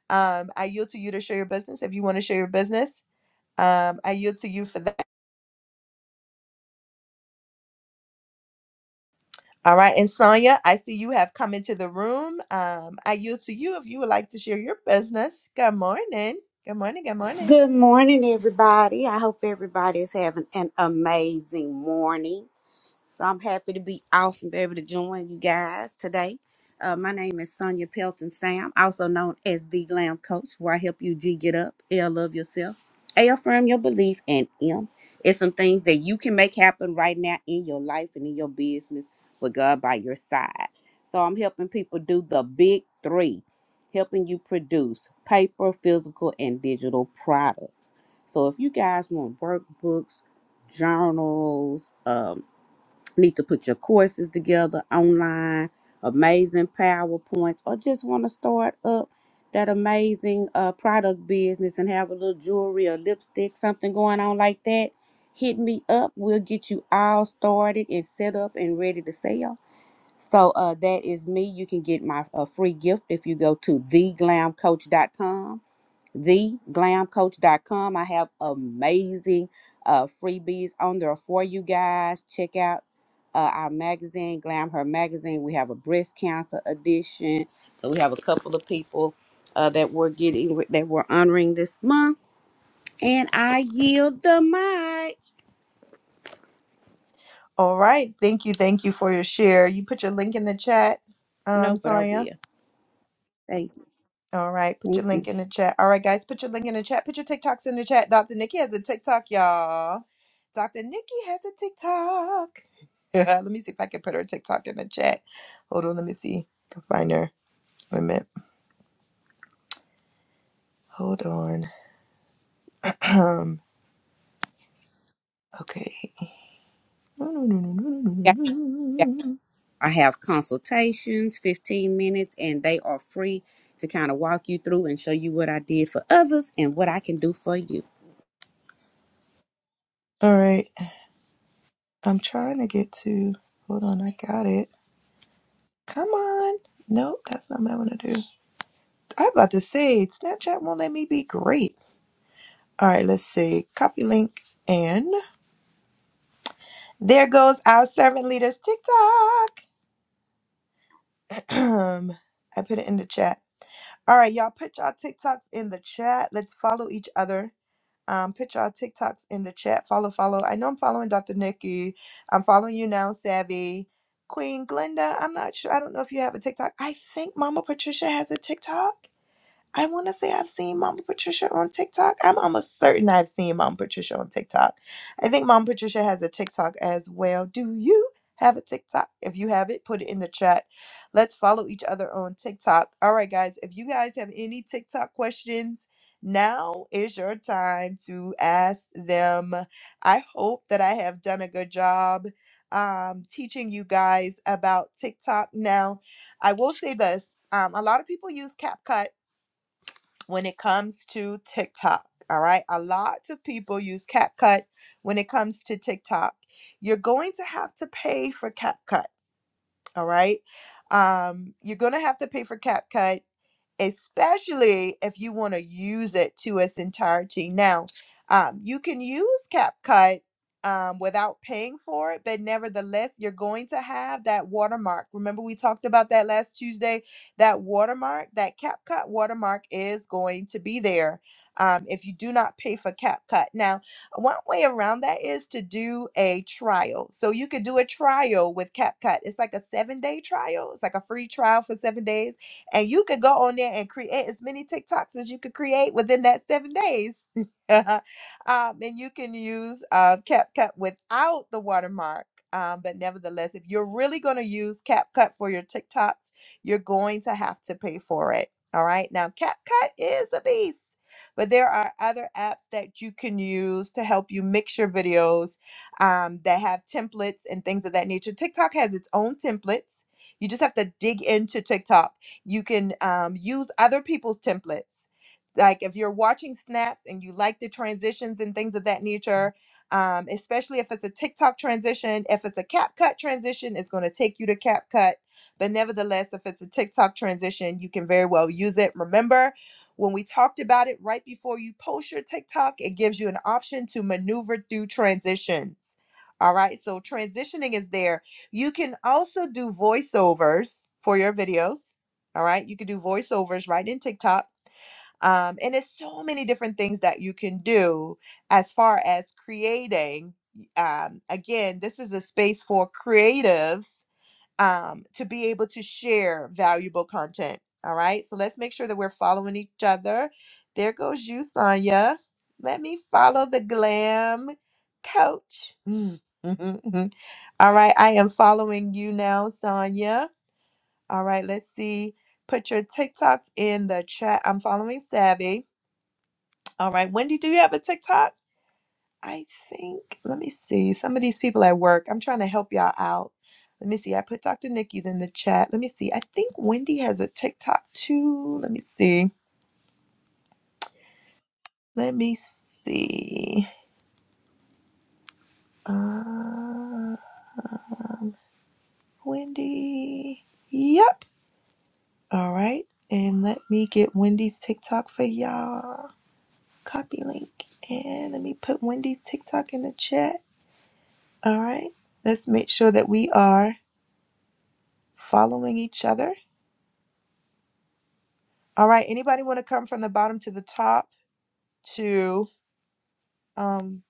Speaker 1: Um, I yield to you to share your business if you want to share your business. Um, I yield to you for that. All right. And Sonia, I see you have come into the room. Um, I yield to you if you would like to share your business. Good morning. Good morning. Good morning.
Speaker 5: Good morning, everybody. I hope everybody is having an amazing morning. So I'm happy to be off and be able to join you guys today. Uh, my name is Sonia Pelton Sam, also known as the Glam Coach, where I help you G get up, L love yourself, A affirm your belief, and M it's some things that you can make happen right now in your life and in your business with God by your side. So I'm helping people do the big three, helping you produce paper, physical, and digital products. So if you guys want workbooks, journals, um, need to put your courses together online, amazing PowerPoints, or just want to start up that amazing uh, product business and have a little jewelry or lipstick, something going on like that, hit me up. We'll get you all started and set up and ready to sell. So uh, that is me. You can get my uh, free gift if you go to theglamcoach.com the glam coach dot com. I have amazing uh, freebies on there for you guys. Check out uh, our magazine, Glam Her Magazine. We have a breast cancer edition. So we have a couple of people uh, that we're getting that we're honoring this month. And I yield the mic.
Speaker 1: All right. Thank you. Thank you for your share. You put your link in the chat,
Speaker 5: No,
Speaker 1: um,
Speaker 5: but I
Speaker 1: Sonia.
Speaker 5: will. Thank you.
Speaker 1: All right. Put
Speaker 5: Thank
Speaker 1: your
Speaker 5: you.
Speaker 1: link in the chat. All right, guys. Put your link in the chat. Put your TikToks in the chat. Dr. Nikki has a TikTok, y'all. Dr. Nikki has a TikTok. [LAUGHS] let me see if I can put her TikTok in the chat. Hold on. Let me see. I can find her. Wait a minute. Hold on. [CLEARS THROAT] Um. Okay. All
Speaker 5: Yeah, yeah. I have consultations, 15 minutes, and they are free to kind of walk you through and show you what I did for others and what I can do for you.
Speaker 1: right. I'm trying to get to. Hold on. I got it. Come on. Nope. That's not what I want to do. I'm about to say Snapchat won't let me be great. All right, let's see. Copy link and there goes our servant leaders TikTok. [CLEARS THROAT] I put it in the chat. All right, y'all put y'all TikToks in the chat. Let's follow each other. Um, put y'all TikToks in the chat. Follow, follow. I know I'm following Dr. Nikki. I'm following you now, Savvy. Queen Glenda. I'm not sure. I don't know if you have a TikTok. I think Mama Patricia has a TikTok. I want to say I've seen Mama Patricia on TikTok. I'm almost certain I've seen Mama Patricia on TikTok. I think Mama Patricia has a TikTok as well. Do you have a TikTok? If you have it, put it in the chat. Let's follow each other on TikTok. All right, guys. If you guys have any TikTok questions, now is your time to ask them. I hope that I have done a good job um, teaching you guys about TikTok. Now, I will say this um, a lot of people use CapCut when it comes to TikTok. All right. A lot of people use CapCut when it comes to TikTok. You're going to have to pay for CapCut. All right. Um, you're going to have to pay for CapCut especially if you want to use it to its entirety. Now, um, you can use CapCut um, without paying for it, but nevertheless, you're going to have that watermark. Remember, we talked about that last Tuesday? That watermark, that CapCut watermark is going to be there. Um, if you do not pay for CapCut. Now, one way around that is to do a trial. So you could do a trial with CapCut. It's like a seven day trial, it's like a free trial for seven days and you could go on there and create as many TikToks as you could create within that seven days. [LAUGHS] um, and you can use uh, CapCut without the watermark. Um, but nevertheless, if you're really going to use CapCut for your TikToks, you're going to have to pay for it. All right. Now, CapCut is a beast, but there are other apps that you can use to help you mix your videos um, that have templates and things of that nature. TikTok has its own templates. You just have to dig into TikTok you can um, use other people's templates. Like if you're watching snaps and you like the transitions and things of that nature, um, especially if it's a TikTok transition, if it's a CapCut transition, it's going to take you to CapCut. But nevertheless, if it's a TikTok transition, you can very well use it. Remember, when we talked about it right before you post your TikTok, it gives you an option to maneuver through transitions. All right, so transitioning is there. You can also do voiceovers for your videos. All right. You could do voiceovers right in TikTok. Um, and it's so many different things that you can do as far as creating. Um, again, this is a space for creatives um, to be able to share valuable content. All right. So let's make sure that we're following each other. There goes you, Sonya. Let me follow the glam coach. [LAUGHS] All right. I am following you now, Sonya. All right, let's see. Put your TikToks in the chat. I'm following Savvy. All right, Wendy, do you have a TikTok? I think, let me see. Some of these people at work, I'm trying to help y'all out. Let me see. I put Dr. Nikki's in the chat. Let me see. I think Wendy has a TikTok too. Let me see. Let me see. Uh, Wendy. Yep. All right. And let me get Wendy's TikTok for y'all. Copy link. And let me put Wendy's TikTok in the chat. All right. Let's make sure that we are following each other. All right. Anybody want to come from the bottom to the top to um,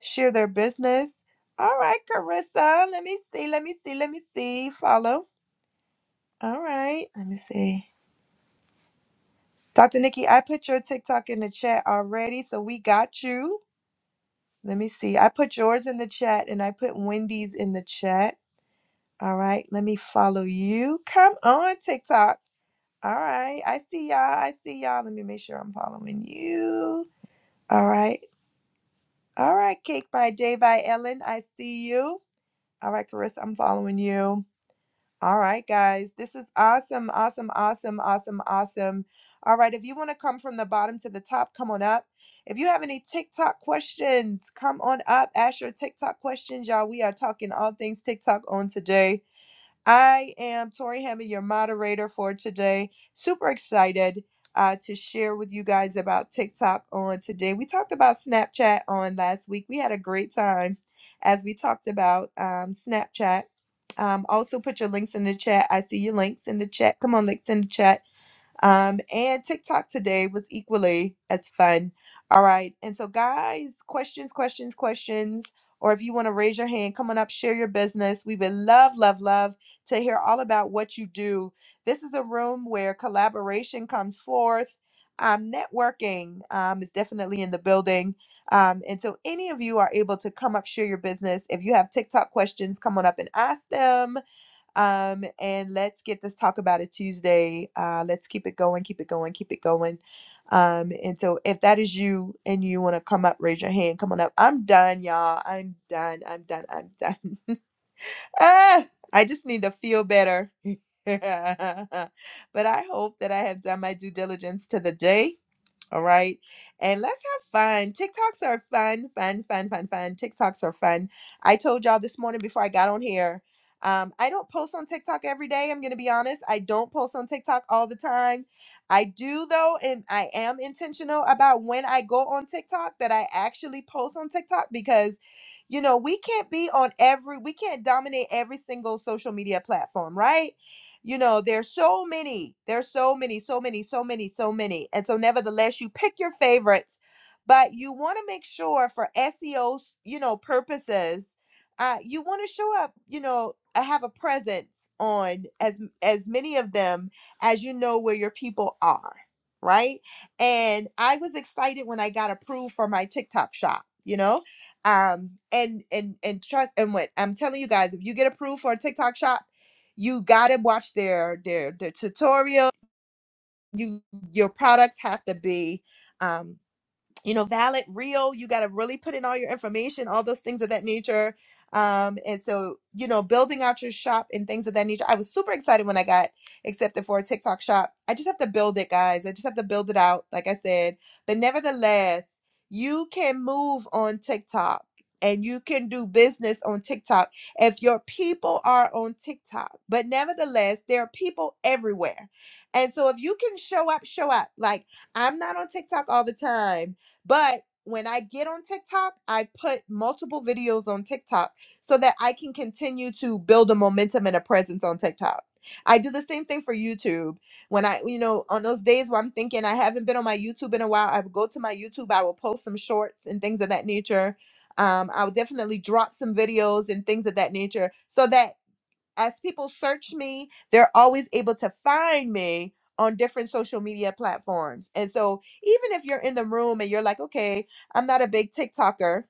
Speaker 1: share their business? All right, Carissa. Let me see. Let me see. Let me see. Follow. All right. Let me see. Dr. Nikki, I put your TikTok in the chat already, so we got you. Let me see. I put yours in the chat and I put Wendy's in the chat. All right, let me follow you. Come on, TikTok. All right, I see y'all. I see y'all. Let me make sure I'm following you. All right. All right, Cake by Day by Ellen. I see you. All right, Carissa, I'm following you. All right, guys. This is awesome, awesome, awesome, awesome, awesome. All right, if you want to come from the bottom to the top, come on up. If you have any TikTok questions, come on up. Ask your TikTok questions, y'all. We are talking all things TikTok on today. I am Tori Hammond, your moderator for today. Super excited uh, to share with you guys about TikTok on today. We talked about Snapchat on last week. We had a great time as we talked about um, Snapchat. Um, also, put your links in the chat. I see your links in the chat. Come on, links in the chat. Um, and TikTok today was equally as fun. All right. And so, guys, questions, questions, questions. Or if you want to raise your hand, come on up, share your business. We would love, love, love to hear all about what you do. This is a room where collaboration comes forth. Um, networking um, is definitely in the building. Um, and so, any of you are able to come up, share your business. If you have TikTok questions, come on up and ask them um, and let's get this Talk About It Tuesday. Uh, let's keep it going, keep it going, keep it going. Um, and so if that is you and you want to come up, raise your hand. Come on up. I'm done, y'all. I'm done. I'm done. I'm done. [LAUGHS] ah, I just need to feel better. [LAUGHS] but I hope that I have done my due diligence to the day all right. And let's have fun. TikToks are fun, fun, fun, fun, fun. TikToks are fun. I told y'all this morning before I got on here, um, I don't post on TikTok every day. I'm going to be honest. I don't post on TikTok all the time. I do, though, and I am intentional about when I go on TikTok that I actually post on TikTok because, you know, we can't be on every, we can't dominate every single social media platform, right? You know, there's so many, there's so many, so many, so many, so many. And so, nevertheless, you pick your favorites, but you want to make sure for SEO, 's, E O, you know, purposes, uh, you want to show up, you know, uh, have a presence on as as many of them as you know where your people are, right? And I was excited when I got approved for my TikTok shop, you know, um, and and and trust and what I'm telling you guys, if you get approved for a TikTok shop you gotta watch their their their tutorial you your products have to be um you know, valid, real. You got to really put in all your information, all those things of that nature. Um, and so, you know, building out your shop and things of that nature. I was super excited when I got accepted for a TikTok shop. I just have to build it, guys. I just have to build it out, like I said. But nevertheless, you can move on TikTok and you can do business on TikTok if your people are on TikTok. But nevertheless, there are people everywhere. And so if you can show up, show up. Like, I'm not on TikTok all the time but when I get on TikTok, I put multiple videos on TikTok so that I can continue to build a momentum and a presence on TikTok. I do the same thing for YouTube. When I, you know, on those days where I'm thinking I haven't been on my YouTube in a while, I would go to my YouTube, I will post some shorts and things of that nature. Um, I would definitely drop some videos and things of that nature so that as people search me, they're always able to find me on different social media platforms. And so, even if you're in the room and you're like, okay, I'm not a big TikToker,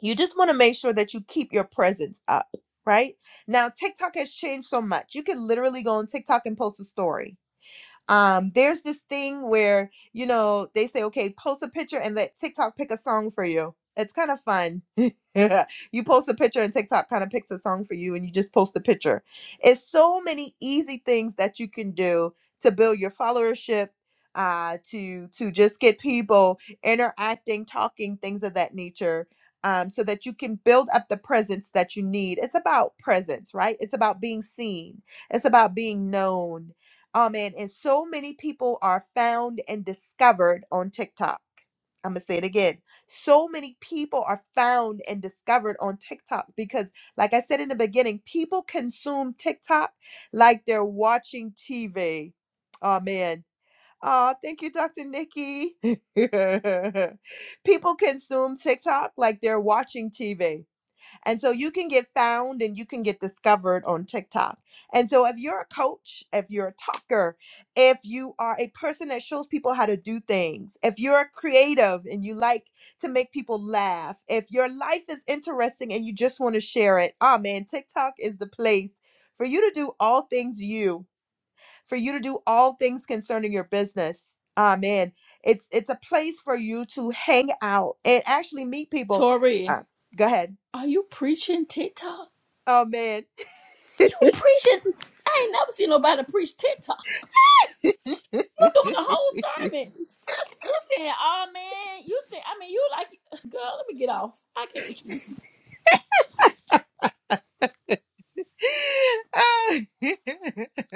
Speaker 1: you just want to make sure that you keep your presence up, right? Now, TikTok has changed so much. You can literally go on TikTok and post a story. Um, there's this thing where, you know, they say, okay, post a picture and let TikTok pick a song for you. It's kind of fun. [LAUGHS] you post a picture and TikTok kind of picks a song for you and you just post a picture. It's so many easy things that you can do to build your followership, uh, to to just get people interacting, talking, things of that nature um, so that you can build up the presence that you need. It's about presence, right? It's about being seen. It's about being known. Amen. And so many people are found and discovered on TikTok. I'm going to say it again. So many people are found and discovered on TikTok because, like I said in the beginning, people consume TikTok like they're watching TV. Amen. Oh, thank you, Dr. Nikki. [LAUGHS] people consume TikTok like they're watching TV. And so you can get found and you can get discovered on TikTok. And so if you're a coach, if you're a talker, if you are a person that shows people how to do things, if you're a creative and you like to make people laugh, if your life is interesting and you just want to share it, oh man, TikTok is the place for you to do all things you, for you to do all things concerning your business. Ah man, it's it's a place for you to hang out and actually meet people.
Speaker 4: Tori,
Speaker 1: Uh, go ahead.
Speaker 4: are you preaching TikTok?
Speaker 1: Oh man.
Speaker 4: You preaching? I ain't never seen nobody preach TikTok. You doing a whole sermon. You saying, oh man, you say I mean you like girl, let me get off. I can't with you.
Speaker 1: [LAUGHS]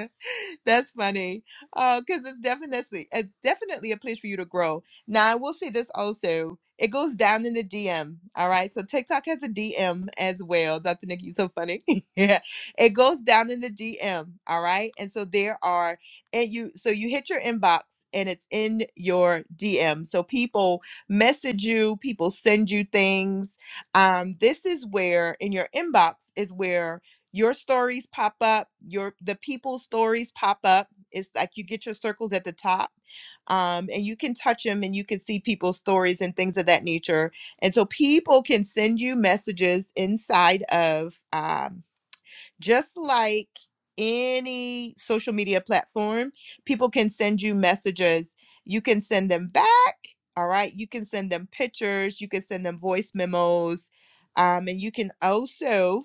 Speaker 1: That's funny. Uh, because it's definitely it's definitely a place for you to grow. Now I will say this also. It goes down in the DM. All right. So TikTok has a DM as well. Dr. Nikki, you're so funny. [LAUGHS] yeah. It goes down in the DM. All right. And so there are and you so you hit your inbox and it's in your DM. So people message you, people send you things. Um, this is where in your inbox is where your stories pop up your the people's stories pop up it's like you get your circles at the top um, and you can touch them and you can see people's stories and things of that nature and so people can send you messages inside of um, just like any social media platform people can send you messages you can send them back all right you can send them pictures you can send them voice memos um, and you can also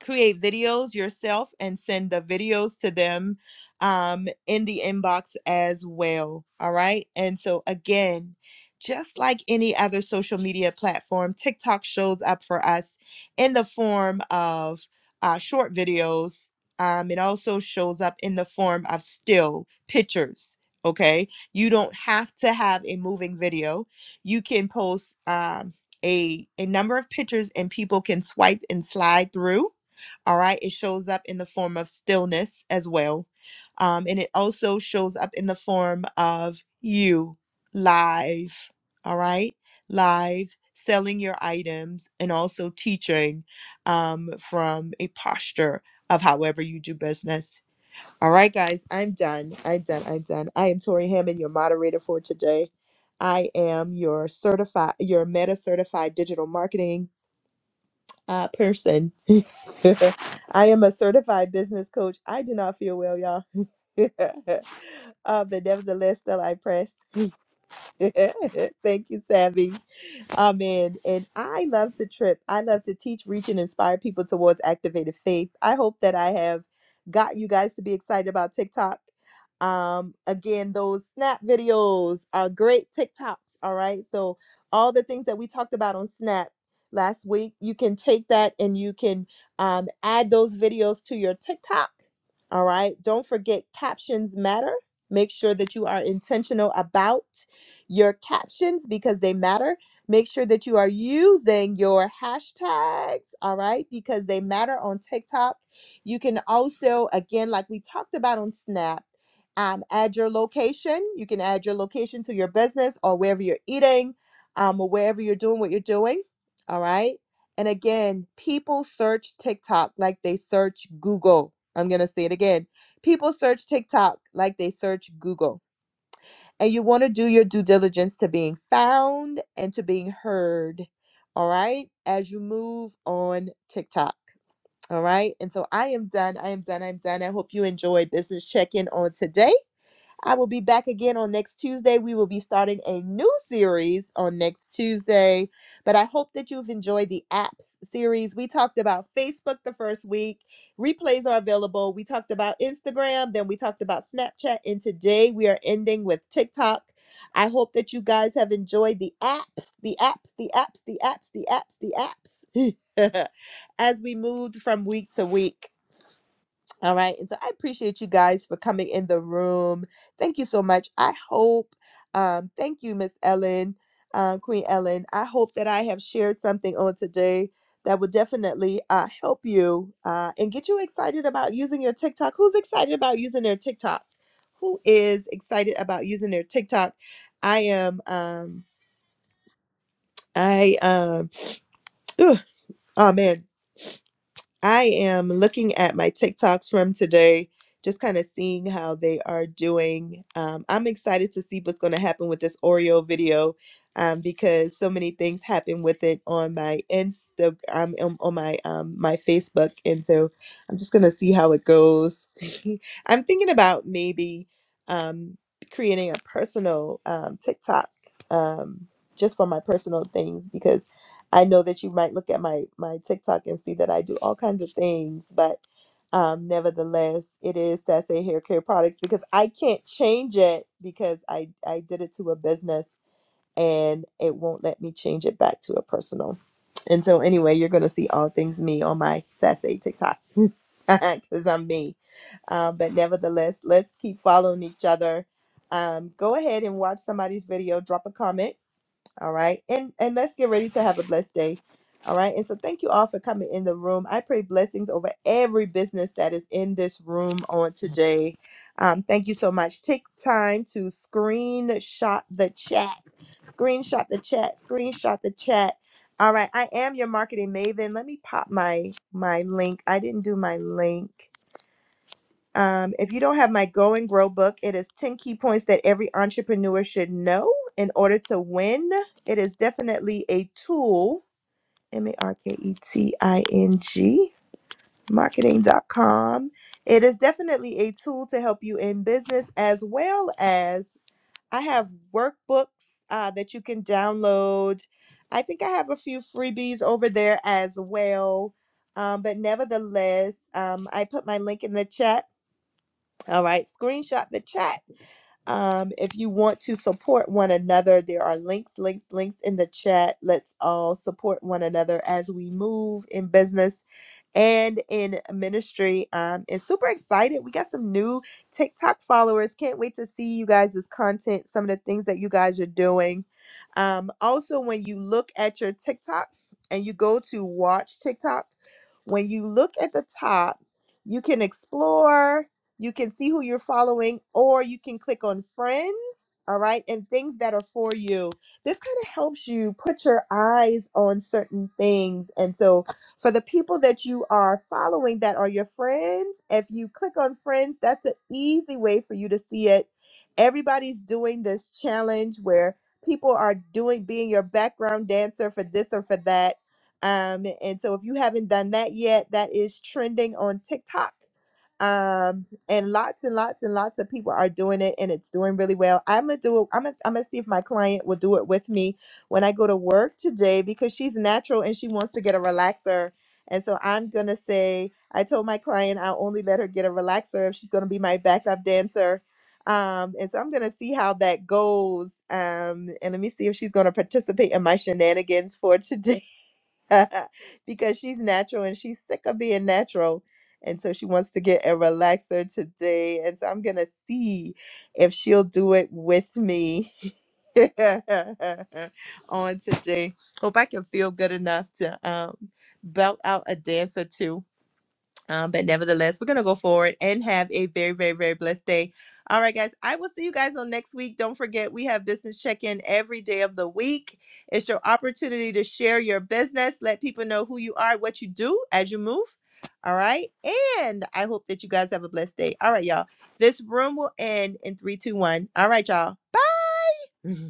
Speaker 1: create videos yourself and send the videos to them um, in the inbox as well. All right. And so, again, just like any other social media platform, TikTok shows up for us in the form of uh, short videos. Um, it also shows up in the form of still pictures. Okay. You don't have to have a moving video. You can post um, a, a number of pictures and people can swipe and slide through all right. It shows up in the form of stillness as well. Um, and it also shows up in the form of you live. All right. Live selling your items and also teaching um, from a posture of however you do business. All right, guys. I'm done. I'm done. I'm done. I am Tori Hammond, your moderator for today. I am your certified, your meta certified digital marketing uh, person. [LAUGHS] I am a certified business coach. I do not feel well, y'all. [LAUGHS] uh, but nevertheless, still I pressed. [LAUGHS] Thank you, Savvy. Amen. And I love to trip. I love to teach, reach, and inspire people towards activated faith. I hope that I have got you guys to be excited about TikTok. Um, again, those snap videos are great TikToks. All right. So, all the things that we talked about on Snap last week, you can take that and you can um, add those videos to your TikTok. All right. Don't forget, captions matter. Make sure that you are intentional about your captions because they matter Make sure that you are using your hashtags, all right, because they matter on TikTok. You can also, again, like we talked about on Snap, um, add your location. You can add your location to your business or wherever you're eating um, or wherever you're doing what you're doing, all right? And again, people search TikTok like they search Google. I'm going to say it again. People search TikTok like they search Google and you want to do your due diligence to being found and to being heard. All right. As you move on TikTok. All right. And so I am done. I am done. I'm done. I hope you enjoyed business check in on today. I will be back again on next Tuesday. We will be starting a new series on next Tuesday, but I hope that you've enjoyed the apps series. We talked about Facebook the first week. Replays are available. We talked about Instagram, then we talked about Snapchat, and today we are ending with TikTok. I hope that you guys have enjoyed the apps, the apps, the apps, the apps, the apps, the apps. [LAUGHS] As we moved from week to week. All right. And so I appreciate you guys for coming in the room. Thank you so much. I hope, um, thank you, Miss Ellen, uh, Queen Ellen. I hope that I have shared something on today that will definitely uh, help you uh, and get you excited about using your TikTok. Who's excited about using their TikTok? Who is excited about using their TikTok? I am, um, I, um, [TSK] oh man, I am looking at my TikToks from today, just kind of seeing how they are doing. Um, I'm excited to see what's going to happen with this Oreo video um, because so many things happen with it on my Insta, um, on on my um, my Facebook, and so I'm just going to see how it goes. [LAUGHS] I'm thinking about maybe um, creating a personal um, TikTok um, just for my personal things because. I know that you might look at my my TikTok and see that I do all kinds of things, but um, nevertheless, it is Sase Hair Care Products because I can't change it because I I did it to a business and it won't let me change it back to a personal. And so anyway, you're gonna see all things me on my Sase TikTok [LAUGHS] because I'm me. Um, but nevertheless, let's keep following each other. Um, go ahead and watch somebody's video, drop a comment all right. And and let's get ready to have a blessed day. All right. And so thank you all for coming in the room. I pray blessings over every business that is in this room on today. Um, thank you so much. Take time to screenshot the chat. Screenshot the chat. Screenshot the chat. All right. I am your marketing maven. Let me pop my my link. I didn't do my link. Um, if you don't have my Go and Grow book, it is 10 key points that every entrepreneur should know in order to win. It is definitely a tool, M A R K E T I N G, marketing dot com. It is definitely a tool to help you in business as well as I have workbooks uh, that you can download. I think I have a few freebies over there as well. Um, but nevertheless, um, I put my link in the chat all right, screenshot the chat. Um, if you want to support one another, there are links, links, links in the chat. Let's all support one another as we move in business and in ministry. Um, and super excited. We got some new TikTok followers. Can't wait to see you guys' content, some of the things that you guys are doing. Um, also, when you look at your TikTok and you go to watch TikTok, when you look at the top, you can explore, you can see who you're following, or you can click on friends. All right, and things that are for you. This kind of helps you put your eyes on certain things. And so for the people that you are following that are your friends, if you click on friends, that's an easy way for you to see it. Everybody's doing this challenge where people are doing being your background dancer for this or for that. Um, and so if you haven't done that yet, that is trending on TikTok. Um, and lots and lots and lots of people are doing it and it's doing really well. I'm gonna do it. I'm gonna, I'm gonna see if my client will do it with me when I go to work today because she's natural and she wants to get a relaxer. And so I'm going to say, I told my client I'll only let her get a relaxer if she's going to be my backup dancer. Um, and so I'm going to see how that goes. Um, and let me see if she's going to participate in my shenanigans for today [LAUGHS] because she's natural and she's sick of being natural. And so she wants to get a relaxer today. And so I'm going to see if she'll do it with me. [LAUGHS] on today. Hope I can feel good enough to um, belt out a dance or two. Um, but nevertheless, we're going to go forward and have a very, very, very blessed day. All right, guys. I will see you guys on next week. Don't forget, we have business check in every day of the week. It's your opportunity to share your business, let people know who you are, what you do as you move. All right. And I hope that you guys have a blessed day. All right, y'all. This room will end in three, two, one. All right, y'all. Bye. [LAUGHS]